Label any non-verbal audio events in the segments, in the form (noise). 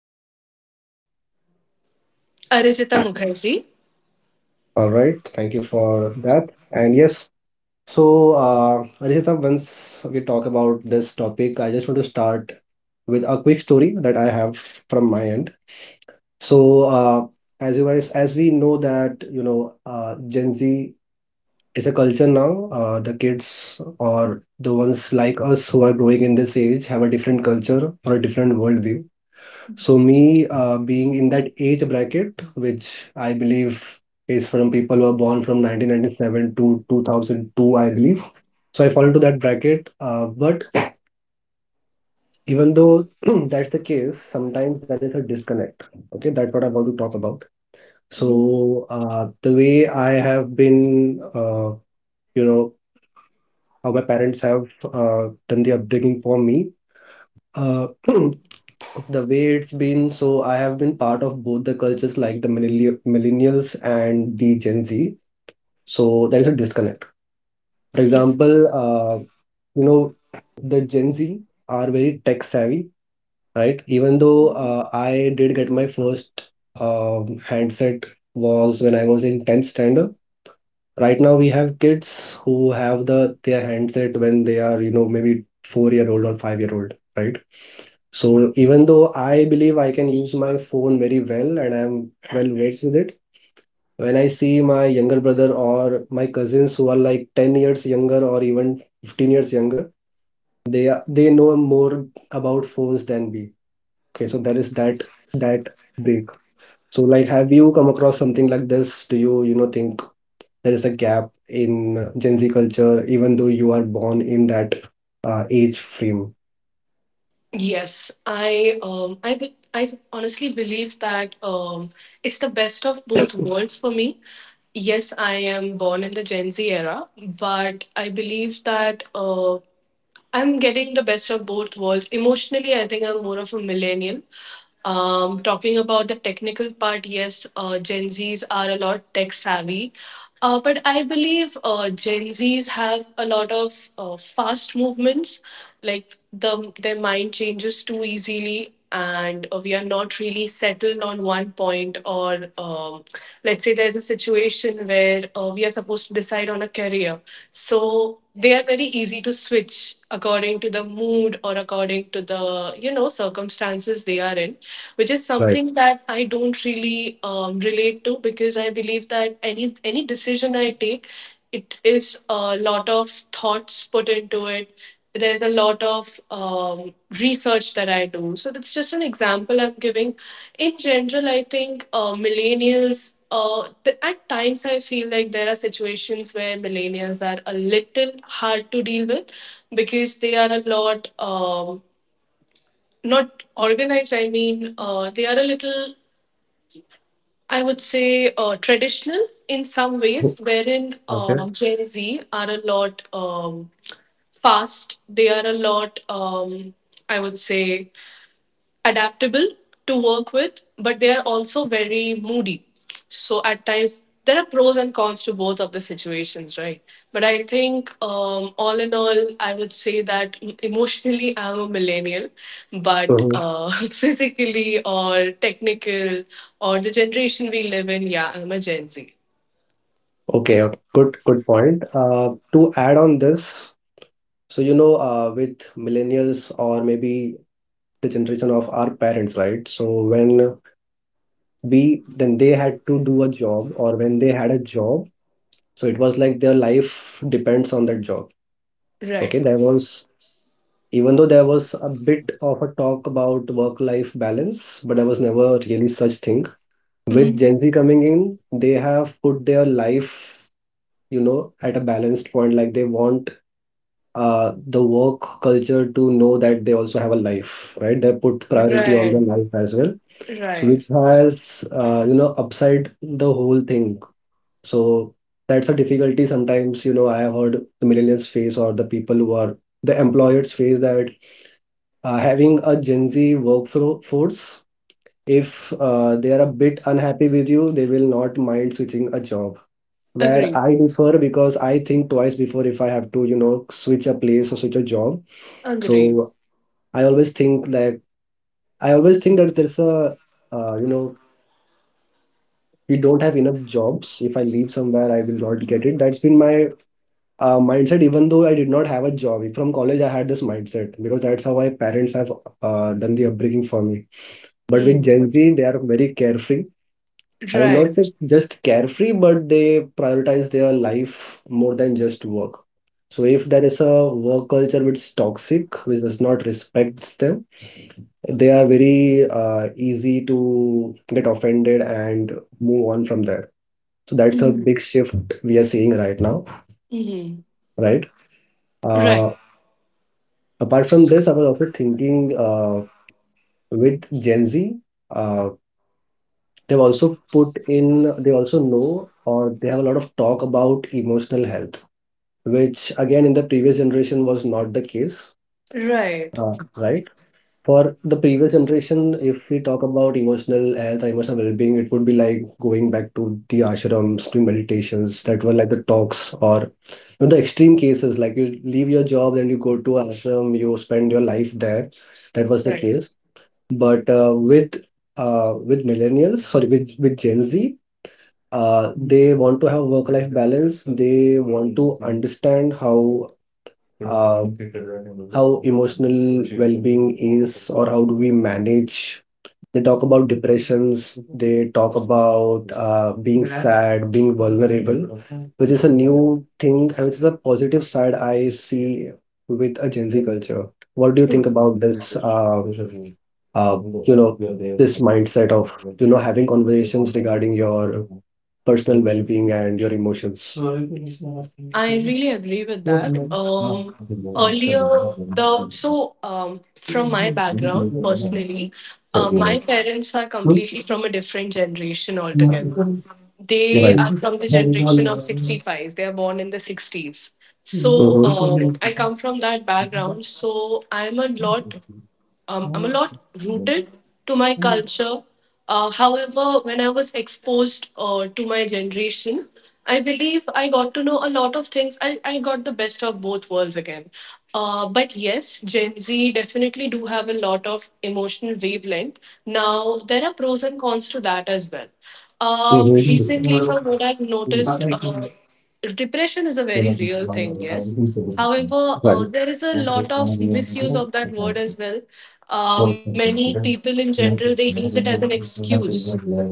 yes, Archita Mukherjee. all right, thank you for that. And yes, so Arishita, once we talk about this topic, I just want to start with a quick story that I have from my end. So, as you guys, as we know that Gen Z it's a culture now. The kids or the ones like us who are growing in this age have a different culture or a different worldview. So me, being in that age bracket, which I believe is from people who are born from 1997 to 2002, I believe. So I fall into that bracket. But even though (clears throat) that's the case, sometimes there is a disconnect. Okay, that's what I want to talk about. Mhm. So the way I have been, you know how my parents have done the upbringing for me. (clears throat) The way it's been, so I have been part of both the cultures, like the millennials and the Gen Z. So there is a disconnect. For Mhm. example, uh, you know, the Gen Z are very tech savvy, right? Even though Mhm. I did get my first handset was when I was in 10th standard. Right now we have kids who have their handset when they are, maybe 4-year-old or 5-year-old, right? So even though I believe I can use my phone very well and I'm well versed with it, when I see my younger brother or my cousins who are like 10 years younger or even 15 years younger, they know more about phones than me. Okay, so there is that that break. So, like, have you come across something like this? Do think there is a gap in Gen Z culture, even though you are born in that age frame? Yes, I honestly believe that it's the best of both worlds for me. Yes, I am born in the Gen Z era, but I believe that I'm getting the best of both worlds. Emotionally, I think I'm more of a millennial. Talking about the technical part, yes, Gen Zs are a lot tech savvy. But I believe Gen Zs have a lot of fast movements, like their mind changes too easily, and we are not really settled on one point. Or let's say there's a situation where we are supposed to decide on a career. So they are very easy to switch according to the mood or according to the circumstances they are in, which is Right. something that I don't really relate to because I believe that any decision I take, it is a lot of thoughts put into it. There's a lot of research that I do. So that's just an example I'm giving. In general, I think millennials. At times, I feel like there are situations where millennials are a little hard to deal with because they are a lot not organized. I mean, they are a little, I would say, traditional in some Okay. ways, wherein Gen Z are a lot fast. They are a lot, I would say, adaptable to work with, but they are also very moody. So at times, there are pros and cons to both of the situations, right? But I think, all in all, I would say that emotionally, I'm a millennial, but Mhm. (laughs) Physically or technical or the generation we live in, yeah, I'm a Gen Z. Okay, okay. Good. Good point. To add on this, so with millennials or maybe the generation of our parents, right? So when we then they had to do a job, or when they had a job, so it was like their life depends on that job. Okay, Right. there was even though there was a bit of a talk about work-life balance, but there was never really such thing. With Mhm. Gen Z coming in, they have put their life, at a balanced point. Like they want the work culture to know that they also have a life, right? They put priority on Right. their life as well. So Right. which has, upside the whole thing. So that's a difficulty sometimes, I have heard the millennials face or the people who are the employers face that having a Gen Z workforce, if they are a bit unhappy with you, they will not mind switching a job. Where Agreed. I differ, because I think twice before if I have to, switch a place or switch a job. Agreed. So I always think like I always think that there's a you know we don't have enough jobs. If I leave somewhere, I will not get it. That's been my mindset. Even though I did not have a job from college, I had this mindset because that's how my parents have done the upbringing for me. But with Hmm. Gen Z, they are very carefree. I would not say Right. just carefree, but they prioritize their life more than just work. So if there is a work culture which is toxic, which does not respects them, they are very easy to get offended and move on from there. So that's a Hmm. big shift we are seeing right now, Hmm. right? Right. Uh, Apart from this, I was also thinking with Gen Z, uh, they also know or they have a lot of talk about emotional health, which again in the previous generation was not the case, Right, right? For the previous generation, if we talk about emotional health or emotional well-being, it would be like going back to the ashrams, to meditations, that were like the talks, or the extreme cases like you leave your job and you go to ashram, you spend your life there. That was the right, case. But with millennials, sorry, with Gen Z, they want to have work-life balance. They want to understand uh, how emotional well-being is, or how do we manage. They talk about depressions, they talk about being sad, being vulnerable, which is a new thing and which is a positive side I see with a Gen Z culture. What do you think true. about this? Uh, you know, this mindset of having conversations regarding your personal well-being and your emotions, hmm? I really agree with that. Earlier, the so from my background personally, my parents are completely from a different generation altogether. They Right. are from the generation of 65s. They are born in the 60s. So Mhm. I come from that background. So I'm a lot rooted to my culture. However, when I was exposed to my generation, I believe I got to know a lot of things. I got the best of both worlds again. But yes, Gen Z definitely do have a lot of emotional wavelength. Now, there are pros and cons to that as well. Mhm. Recently, from what I've noticed, depression is a very real thing. Yes, however, there is a lot of misuse of that word as well. Many people in general, they use it as an excuse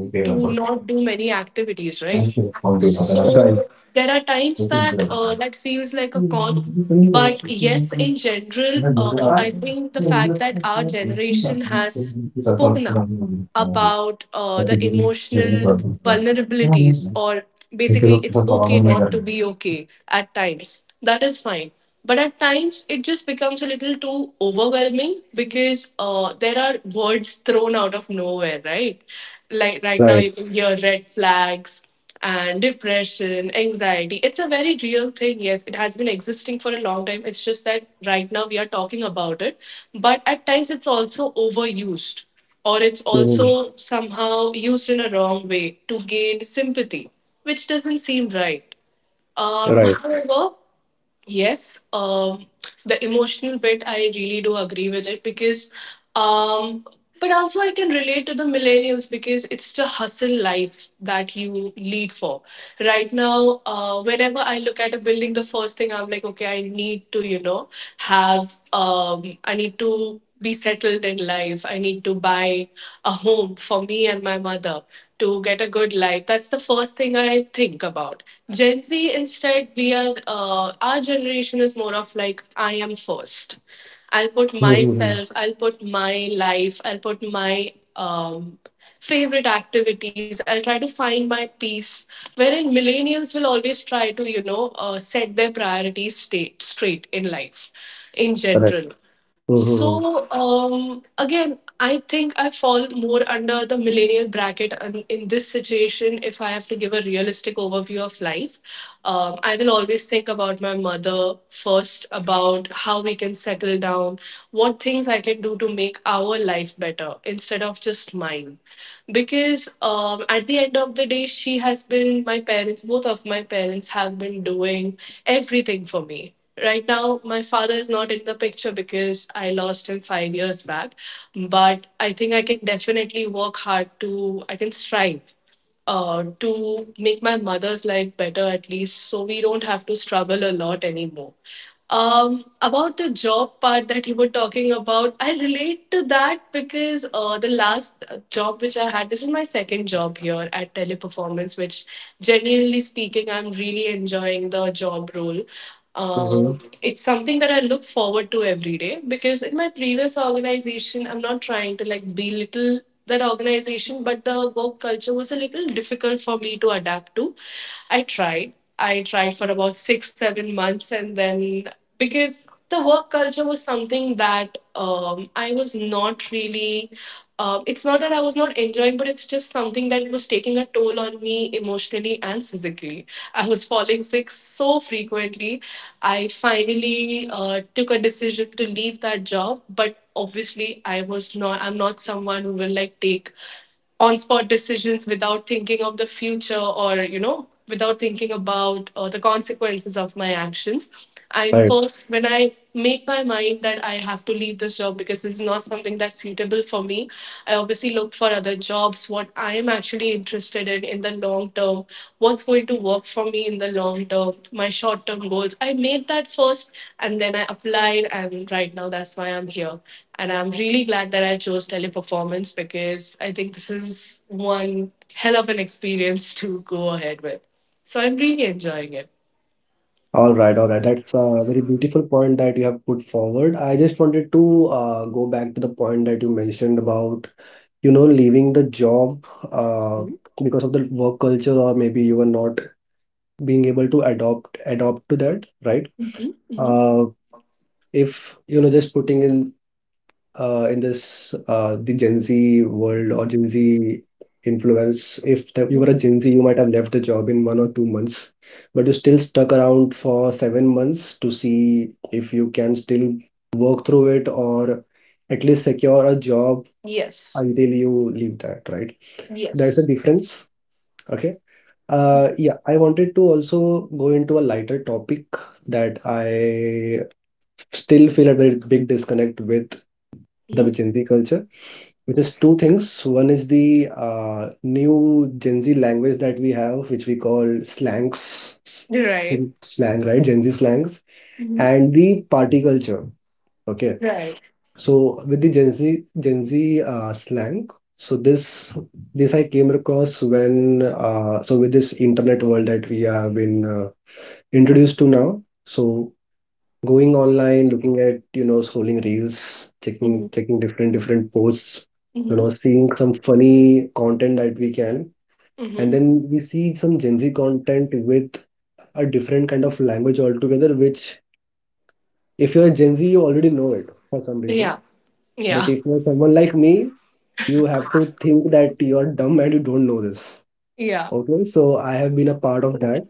to not do many activities, right? So there are times that that feels like a con, but yes, in general, I think the fact that our generation has spoken up about the emotional vulnerabilities, or basically, it's okay not to be okay at times. That is fine. But at times, it just becomes a little too overwhelming because there are words thrown out of nowhere, right? Like right Right. now, you can hear red flags and depression, anxiety. It's a very real thing. Yes, it has been existing for a long time. It's just that right now we are talking about it. But at times it's also overused, or it's Mhm. also somehow used in a wrong way to gain sympathy, which doesn't seem right. Um, Right. however, Yes, the emotional bit, I really do agree with it because, um, but also I can relate to the millennials because it's the hustle life that you lead for. Right now, whenever I look at a building, the first thing I'm like, okay, I need to, you know, have, I need to be settled in life. I need to buy a home for me and my mother to get a good life. That's the first thing I think about. Gen Z, instead, we are, our generation is more of like, I am first. I'll put Mhm. Mhm. myself, I'll put my life, I'll put my favorite activities, I'll try to find my peace. Wherein millennials will always try to, you know, set their straight in life in general. Mhm. So again, I think I fall more under the millennial bracket in this situation. If I have to give a realistic overview of life, I will always think about my mother first, about how we can settle down, what things I can do to make our life better instead of just mine because at the end of the day, she has been my parents both of my parents have been doing everything for me. Right now my father is not in the picture because I lost him 5 years back. But I think I can definitely work hard to I can strive to make my mother's life better, at least so we don't have to struggle a lot anymore. About the job part that you were talking about, I relate to that because the last job which I had, this is my second job here at Teleperformance, which, genuinely speaking, I'm really enjoying the job role. Mhm. It's something that I look forward to every day because in my previous organization, I'm not trying to like belittle that organization, but the work culture was a little difficult for me to adapt to. I tried. I tried for about six, 7 months, and then because the work culture was something that I was not really. It's not that I was not enjoying, but it's just something that was taking a toll on me emotionally and physically. I was falling sick so frequently. I finally took a decision to leave that job, but obviously, I was not. I'm not someone who will like take on spot decisions without thinking of the future or you know without thinking about the consequences of my actions. I Right. first When I make my mind that I have to leave this job because this is not something that's suitable for me, I obviously looked for other jobs, what I am actually interested in the long term, what's going to work for me in the long term, my short term goals. I made that first, and then I applied, and right now that's why I'm here. And I'm really glad that I chose Teleperformance because I think this is one hell of an experience to go ahead with. So I'm really enjoying it. All right, all right. That's a very beautiful point that you have put forward. I just wanted to go back to the point that you mentioned about, leaving the job uh, Mhm, because of the work culture, or maybe you were not being able to adopt to that, right? mhm. Uh, if just putting in this the Gen Z world or Gen Z influence. If you were a Gen Z, you might have left the job in 1 or 2 months, but you still stuck around for 7 months to see if you can still work through it or at least secure a job Yes. until you leave that, right? That's the Yes. difference. Okay. Yeah, I wanted to also go into a lighter topic that I still feel a very big disconnect with the Mhm. Gen Z culture, which is two things. One is the new Gen Z language that we have, which we call Right. slang, right? Gen Z slangs, Mhm. and the party culture. Okay, Right. so with the Gen Z slang, so this I came across when so with this internet world that we have been introduced to now. So going online, looking at, scrolling reels, Mhm. checking different posts, Mhm. seeing some funny content that we can. And Mhm. then we see some Gen Z content with a different kind of language altogether, which if you're Gen Z, you already know it for some reason. Yeah. Yeah. But if you're someone like me, you have to think that you're dumb and you don't know this. Yeah. Okay, so I have been a part of that.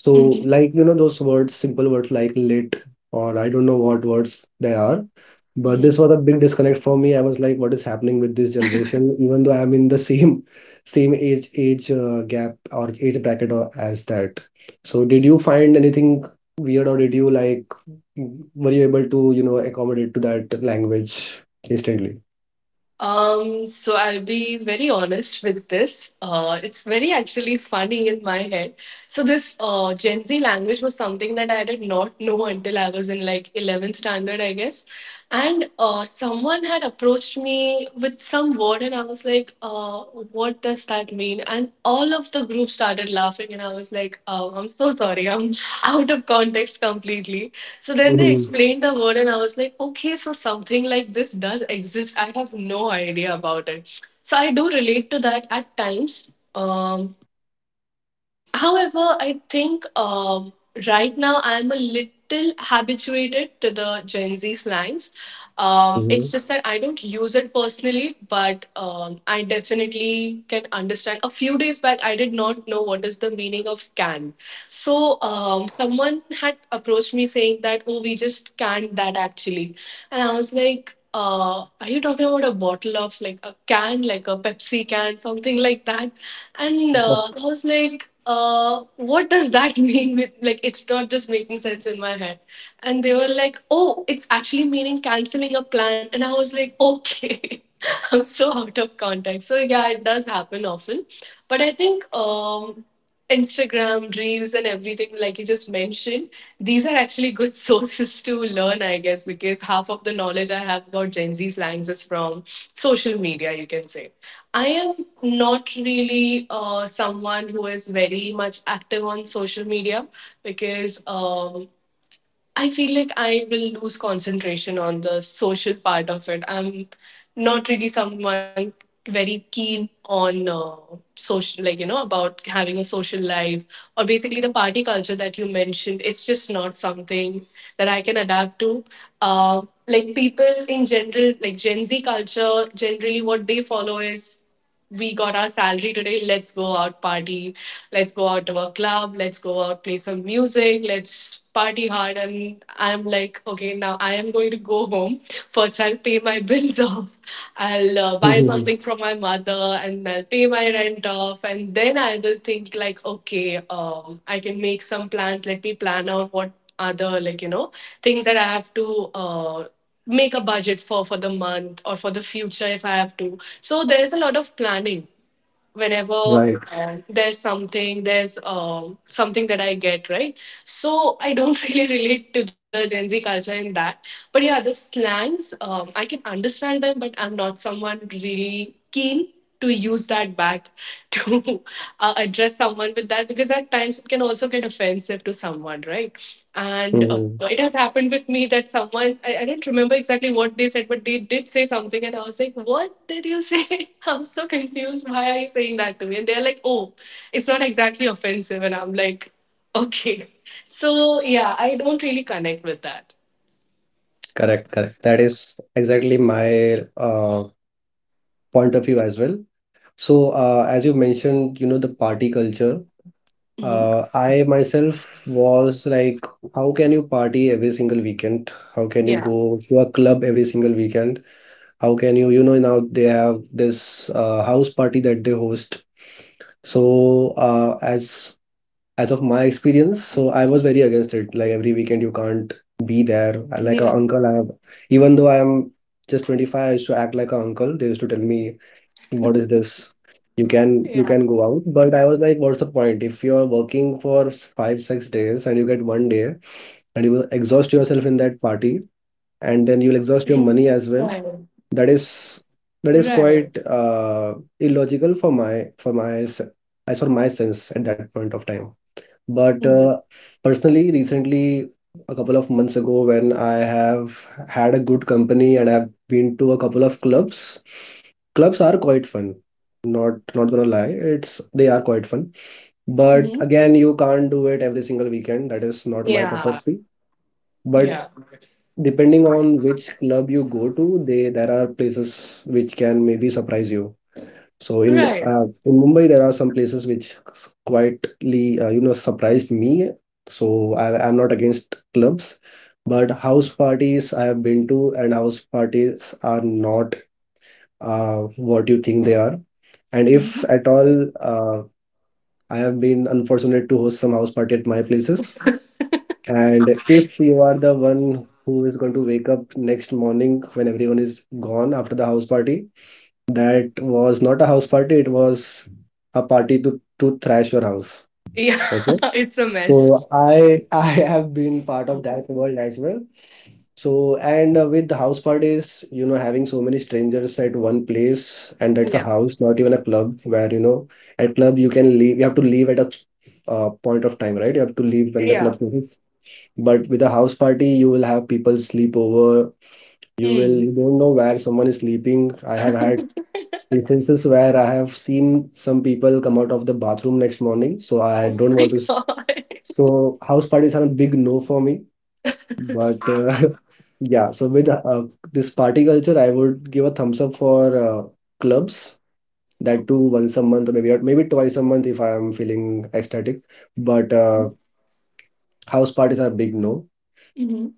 So, Mhm. like, those words, simple words like lit, or I don't know what words they are. But this was a big disconnect for me. I was like, what is happening with this generation? Even though I'm in the same (laughs) same age gap or age bracket or as that. So did you find anything weird, or did you, like, were you able to, accommodate to that language instantly? So I'll be very honest with this. It's very actually funny in my head. So this Gen Z language was something that I did not know until I was in like 11th standard, I guess. And someone had approached me with some word, and I was like, "What does that mean?" And all of the group started laughing, and I was like, "Oh, I'm so sorry. I'm (laughs) out of context completely." So then they Mhm. explained the word, and I was like, okay, so something like this does exist. I have no idea about it. So I do relate to that at times. I think right now I'm a little habituated to the Gen Z slangs. It's just that I don't use it personally, but I definitely can understand. A few days back, I did not know what is the meaning of can. So someone had approached me saying that, oh, we just canned that actually. And I was like, are you talking about a bottle of like a can, like a Pepsi can, something like that? And I was like, what does that (laughs) mean? With like It's not just making sense in my head, and they were like, oh, it's actually meaning canceling a plan, and I was like, okay. (laughs) (laughs) I'm so out of context. So yeah, it does happen often. But I think Instagram, Reels, and everything, like you just mentioned, these are actually good (laughs) sources to learn, I guess, because half of the knowledge I have about Gen Z slangs is from social media, you can say. I am not really someone who is very much active on social media because I feel like I will lose concentration on the social part of it. I'm not really someone very keen on social, like, you know, about having a social life or basically the party culture that you mentioned. It's just not something that I can adapt to. Like, people in general, like Gen Z culture, generally what they follow is we got our salary today, let's go out party, let's go out to a club, let's go out, play some music, let's party hard. And I'm like, okay, now I am going to go home. First, I'll pay my bills (laughs) off. I'll buy something Mhm. from my mother and I'll pay my rent off. And then I will think, like, okay, I can make some plans. Let me plan out what other, like, things that I have to. Make a budget for the month or for the future if I have to. So there is a lot of planning whenever there's something that I get right. So I don't (laughs) really relate to the Gen Z culture in that. But yeah, the slangs, I can understand them, but I'm not someone really keen to use that back (laughs) to address someone with that, because at times it can also get offensive to someone, right? And Mhm. it has happened with me that someone, I don't remember exactly what they said, but they did say something, and I was like, What did you say? (laughs) I'm so confused. Why are you saying that to me? And they're like, Oh, it's not exactly offensive. And I'm like, Okay. So, yeah, I don't really connect with that. Correct, correct. That is exactly my point of view as well. So, as you mentioned, the party culture. Mhm. I myself was like, how can you party every single weekend? How can you Yeah. go to a club every single weekend? How can you, now they have this house party that they host. So, as of my experience, so I was very against it. Like every weekend, you can't be there. Like an Yeah. uncle, I have, even though I am just 25, I used to act like an uncle. They used to tell me, what is this? Yeah. You can go out, but I was like, what's the point? If you're working for 5, 6 days and you get one day, and you will exhaust yourself in that party, and then you'll Right. exhaust your money as well. That Right. is that is quite illogical for my as for my sense at that point of time. Mm-hmm. But personally, recently, a couple of months ago, when I have had a good company and I've been to a couple of clubs, clubs are quite fun. Not gonna lie, it's they are quite fun. Mm-hmm. But again, you can't do it every single weekend. That is not my Yeah. cup of tea. Yeah. But depending on which club you go to, they there are places which can maybe surprise you. So in Right. Mumbai, there are some places which quietly surprised me. So I'm not against clubs, but house parties I have been to, and house parties are not uh, what you think they are. And if at all, I have been unfortunate to host some house party at my places. And if you are the one who is going to wake up next morning when everyone is gone after the house party, that was not a house party, it was a party to thrash your house. Yeah, (laughs) Okay. it's a mess. So I (laughs) I have been part of that world as well. So and With the house parties, having so many strangers at one place, and that's a Yeah. house, not even a club. At club you can leave, you have to leave at a point of time, right? You have to leave when the Yeah. club closes. But with a house party, you will have people sleep over. Hmm. You don't know where someone is sleeping. I have (laughs) had instances where I have seen some people come out of the bathroom next morning, so I Oh don't my want to. God. So house parties are a big no for me, but (laughs) yeah. So with this party culture, I would give a thumbs up for uh, clubs, that too once a month, or maybe twice a month if I am feeling ecstatic. But House parties are a big no. Mhm.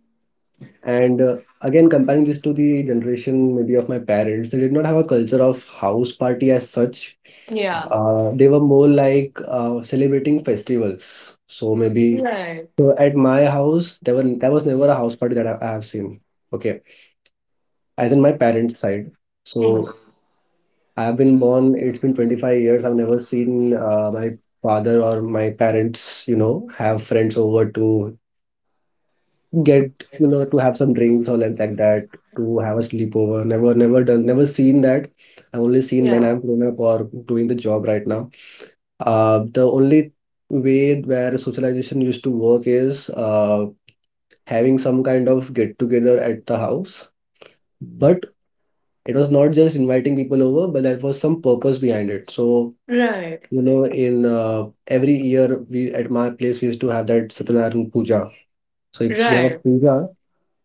And again, comparing this to the generation maybe of my parents, they did not have a culture of house party as such. Yeah. They were more like celebrating festivals. So maybe Right. so at my house, there was never a house party that I have seen. Okay, as in my parents' side. Mhm. So I have been born. It's been 25 years. I've never seen my father or my parents, have friends over to get, to have some drinks or like that, to have a sleepover. Never, never done, never seen that. I've only seen when Yeah. I'm grown up or doing the job right now. The only way where socialization used to work is having some kind of get together at the house, but it was not just inviting people over, but there was some purpose behind it. So, Right. you know, in every year we, at my place, we used to have that Satyanarayana puja. So if you have a Right. puja.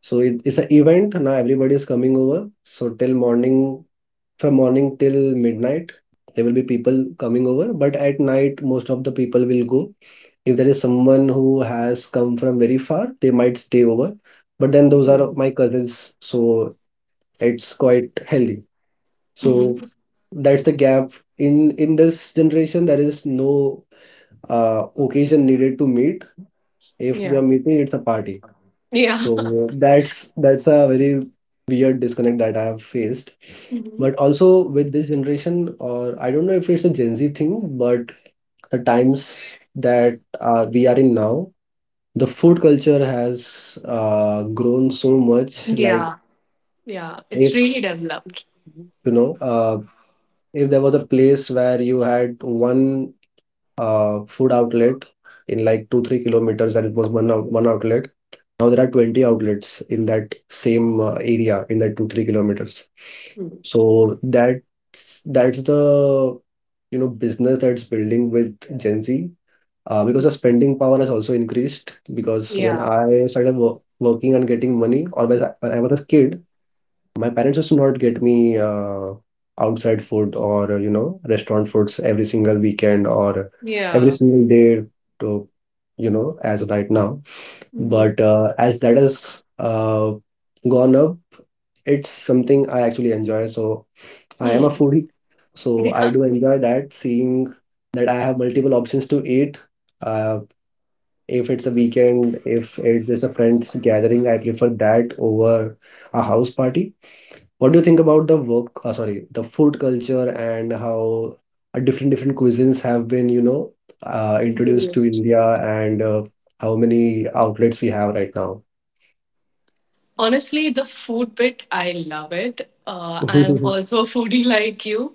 So it's an event. Now everybody is coming over. So from morning till midnight, there will be people coming over. But at night, most of the people will go. If there is someone who has come from very far, they might stay over. But then those are my cousins, so it's quite healthy. So Mm-hmm. that's the gap. In this generation, there is no occasion needed to meet. If we Yeah. are meeting, it's a party. Yeah. So that's a very weird disconnect that I have faced. (laughs) Hmm. But also with this generation, or I don't know if it's a Gen Z thing, but the times that we are in now, the food culture has grown so much. Like Yeah. Yeah. It's if really developed. you know, if there was a place where you had one food outlet in like two, 3 kilometers, and it was one outlet. Now there are 20 outlets in that same area, in that two, 3 kilometers. Mm. So that's the, you know, business that's building with Gen Z, because the spending power has also increased. Because when Yeah. I started wo working and getting money, or when I was a kid, my parents used to not get me outside food or, you know, restaurant foods every single weekend or every Yeah. single day to, you know, as right now. But Hmm. As that has gone up, it's something I actually enjoy. So I am a Hmm. foodie, so I Yeah. do enjoy that, seeing that I have multiple options to eat. Uh, if it's a weekend, if it's just a friends gathering, I prefer that over a house party. What do you think about the food culture, and how different cuisines have been, (laughs) introduced to Introduced. India, and how many outlets we have right now? Honestly, the food bit, I love it. I'm (laughs) also a foodie (laughs) like you.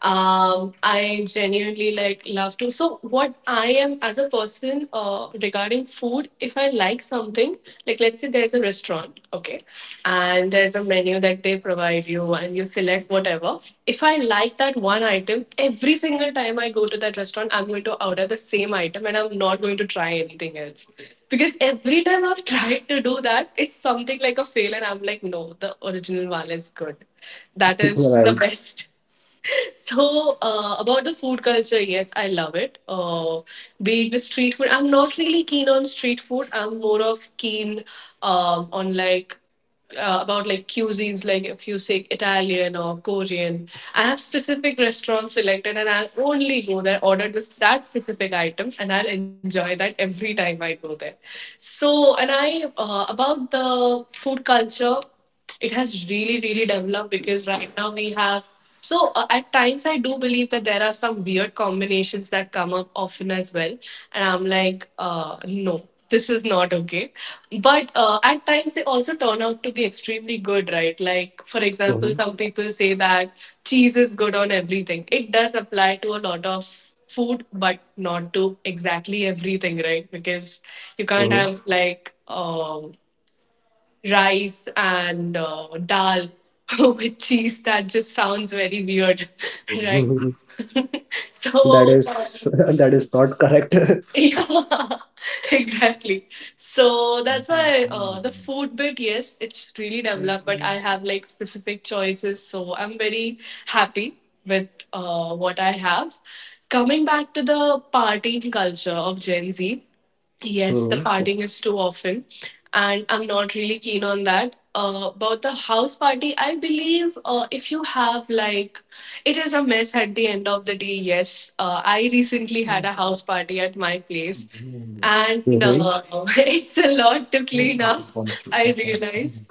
I genuinely like love to. So, what I am as a person regarding food, if I like something, like let's say there's a restaurant, okay, and there's a menu that they provide you and you select whatever. If I like that one item, every single time I go to that restaurant, I'm going to order the same item and I'm not going to try anything else. Because every time I've tried to do that, it's something like a fail, and I'm like, no, the original one is good. That is the Right. best. So, about the food culture, yes, I love it. Be it the street food, I'm not really keen on street food. I'm more of keen on like about like cuisines, like if you say Italian or Korean. I have specific restaurants selected, and I'll only go there, order this that specific item, and I'll enjoy that every time I go there. So, and I, about the food culture, it has really really developed, because right now we have. So, at times I do believe that there are some weird combinations that come up often as well, and I'm like, no, this is not okay. But at times they also turn out to be extremely good, right? Like for example, Mhm, some people say that cheese is good on everything. It does apply to a lot of food, but not to exactly everything, right? Because you can't mhm, have like um rice and dal (laughs) with cheese. That just sounds very weird, (laughs) right? mhm. (laughs) That So, is (laughs) that is not correct. (laughs) (laughs) yeah, (laughs) exactly. So that's why the food bit, yes, it's really developed, but I have like specific choices. So I'm very happy with what I have. Coming back to the partying culture of Gen Z, yes, the Mhm, partying is too often, and I'm not really keen on that. About the house party, I believe, if you have like, it is a mess at the end of the day. Yes, I recently had a house party at my place, and mhm. (laughs) It's a lot to clean up. I realize.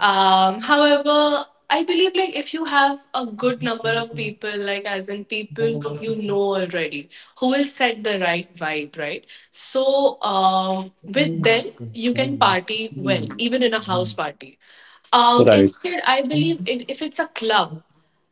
However, I believe like if you have a good number of people, like as in people you know already, who will set the right vibe, right? So with them, you can party well, even in a house party. Right. Instead, I believe it, if it's a club,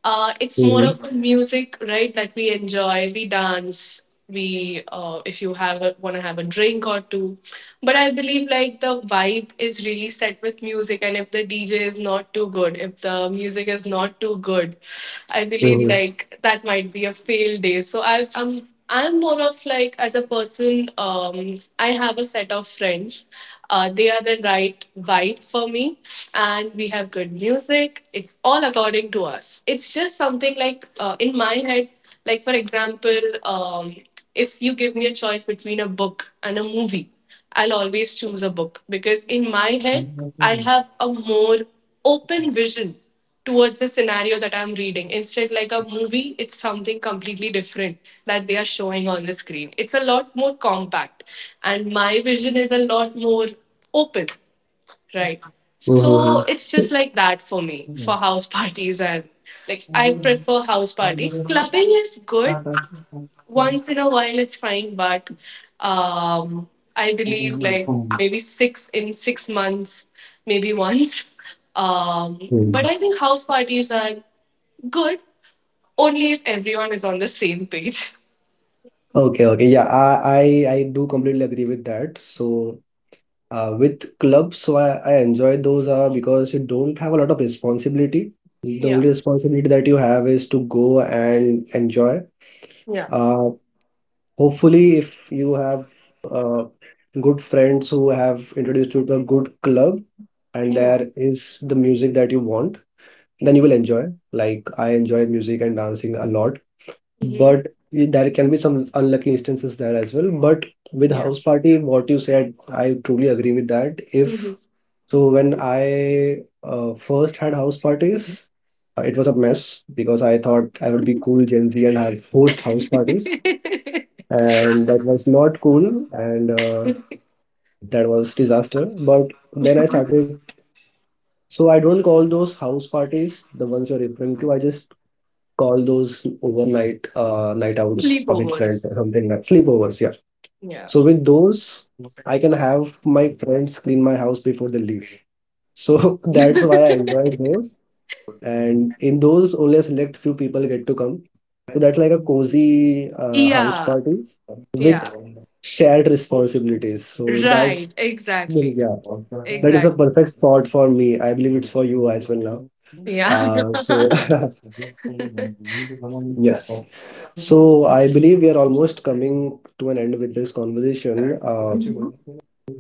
it's more Mhm, of a music, right? That we enjoy, we dance, we, if you have a, want to have a drink or two. But I believe like the vibe is really set with music, and if the DJ is not too good, if the music is not too good, I believe mhm, like that might be a fail day. So I've, I'm more of like as a person, I have a set of friends. They are the right vibe for me, and we have good music. It's all according to us. It's just something like in my head. Like for example, if you give me a choice between a book and a movie, I'll always choose a book because in my head I have a more open vision towards the scenario that I'm reading. Instead, like a movie, it's something completely different that they are showing on the screen. It's a lot more compact, and my vision is a lot more open, right? So it's just like that for me for house (laughs) parties, and like I prefer house parties. Clubbing is good, mhm. once in a while, it's fine, but um, I believe like maybe six in 6 months, maybe (laughs) once. But Hmm. I think house parties are good only if everyone is on the same page. (laughs) Okay, okay. Yeah, I do completely agree with that. So, with clubs, so I enjoy those are because you don't have a lot of responsibility. The Yeah, only responsibility that you have is to go and enjoy. yeah, Uh, Hopefully, if you have uh, good friends who have introduced you to a good club and yeah, there is the music that you want, then you will yeah. enjoy. Like I enjoy music and dancing a lot, Hmm. but there can be some unlucky instances there as well. But with Yeah. house party, what you said, I truly agree with that. If Hmm. so, when I first had house parties, it was a mess because I thought I would be cool Gen Z and have host house parties, (laughs) and that was not cool, and that was disaster. But then I started, so I don't call those house parties, the ones you're referring to, I just call those overnight night outs or with friends, or Sleepovers. something like sleepovers. Yeah, Yeah. so with those, I can have my friends clean my house before they leave, so (laughs) that's why I enjoy those. And in those, only a select few people get to come, so that's like a cozy house (laughs) Yeah. party with Yeah. shared responsibilities. So Right. that's Exactly. yeah, that is a Exactly. perfect spot for me. I believe it's for you as well now. Yeah. So (laughs) (laughs) yes. So I believe we are almost coming to an end with this conversation. Mhm.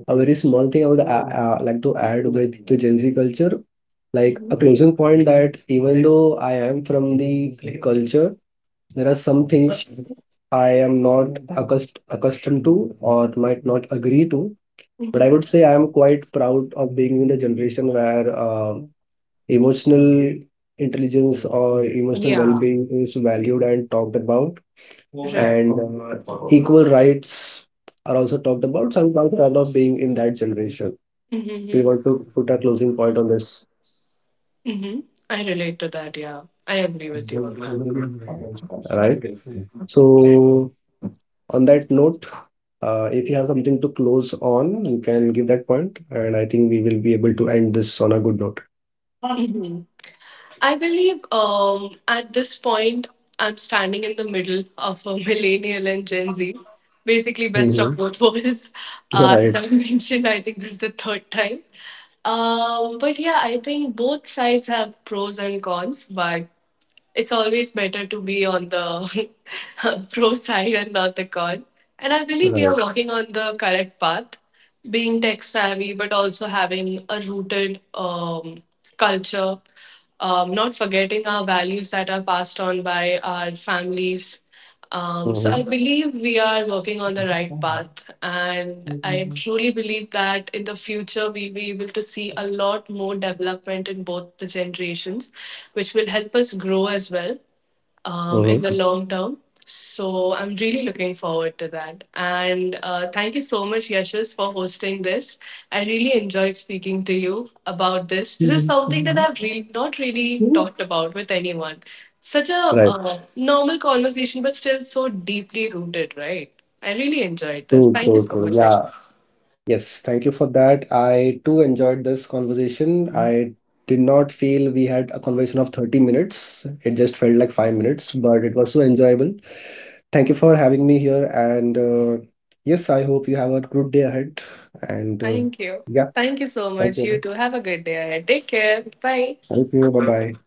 A very small thing I would like to add with the Gen Z culture, like a Mhm. closing point, that even though I am from the culture, there are some things I am not accustomed to or might not agree to, but I Mhm. would say I am quite proud of being in the generation where emotional intelligence or emotional Yeah. well-being is valued and talked about, Right. and equal rights are also talked about. So I'm quite proud of being in that generation. Do you Mm-hmm. want to put a closing point on this? Mm-hmm. I relate to that. Yeah. I agree with you on that. Right. So, on that note, if you have something to close on, you can give that point, and I think we will be able to end this on a good note. hmm I believe at this point, I'm standing in the middle of a (laughs) millennial and Gen Z, basically best of Mm-hmm. both (laughs) worlds. As Right, I (laughs) mentioned, I think this is the third time. But yeah, I think both sides have pros and cons. But it's always better to be on the (laughs) pro side and not the con. And I believe we are right. working on the correct path, being tech savvy, but also having a rooted culture, not forgetting our values that are passed on by our families. So I Mm-hmm. believe we are working on the right path, and I truly believe that in the future we'll be able to see a lot more development in both the generations, which will help us grow as well in the long term. So I'm really looking forward to that. And thank you so much, Yashas, for hosting this. I really enjoyed speaking to you about this. This is something that Mm-hmm. I've really not really talked about with anyone. Such a Right. Normal conversation, but still so deeply rooted, right? I really enjoyed this. True, Thank you true, so true. much, Yeah. Yashas. Yes. Thank you for that. I too enjoyed this conversation. I did not feel we had a conversation of 30 minutes. It just felt like 5 minutes, but it was so enjoyable. Thank you for having me here. And Yes, I hope you have a good day ahead. And Thank you. yeah, Thank you so thank much. You you. too. Have a good day ahead. Take care. Bye. Thank you. Bye bye.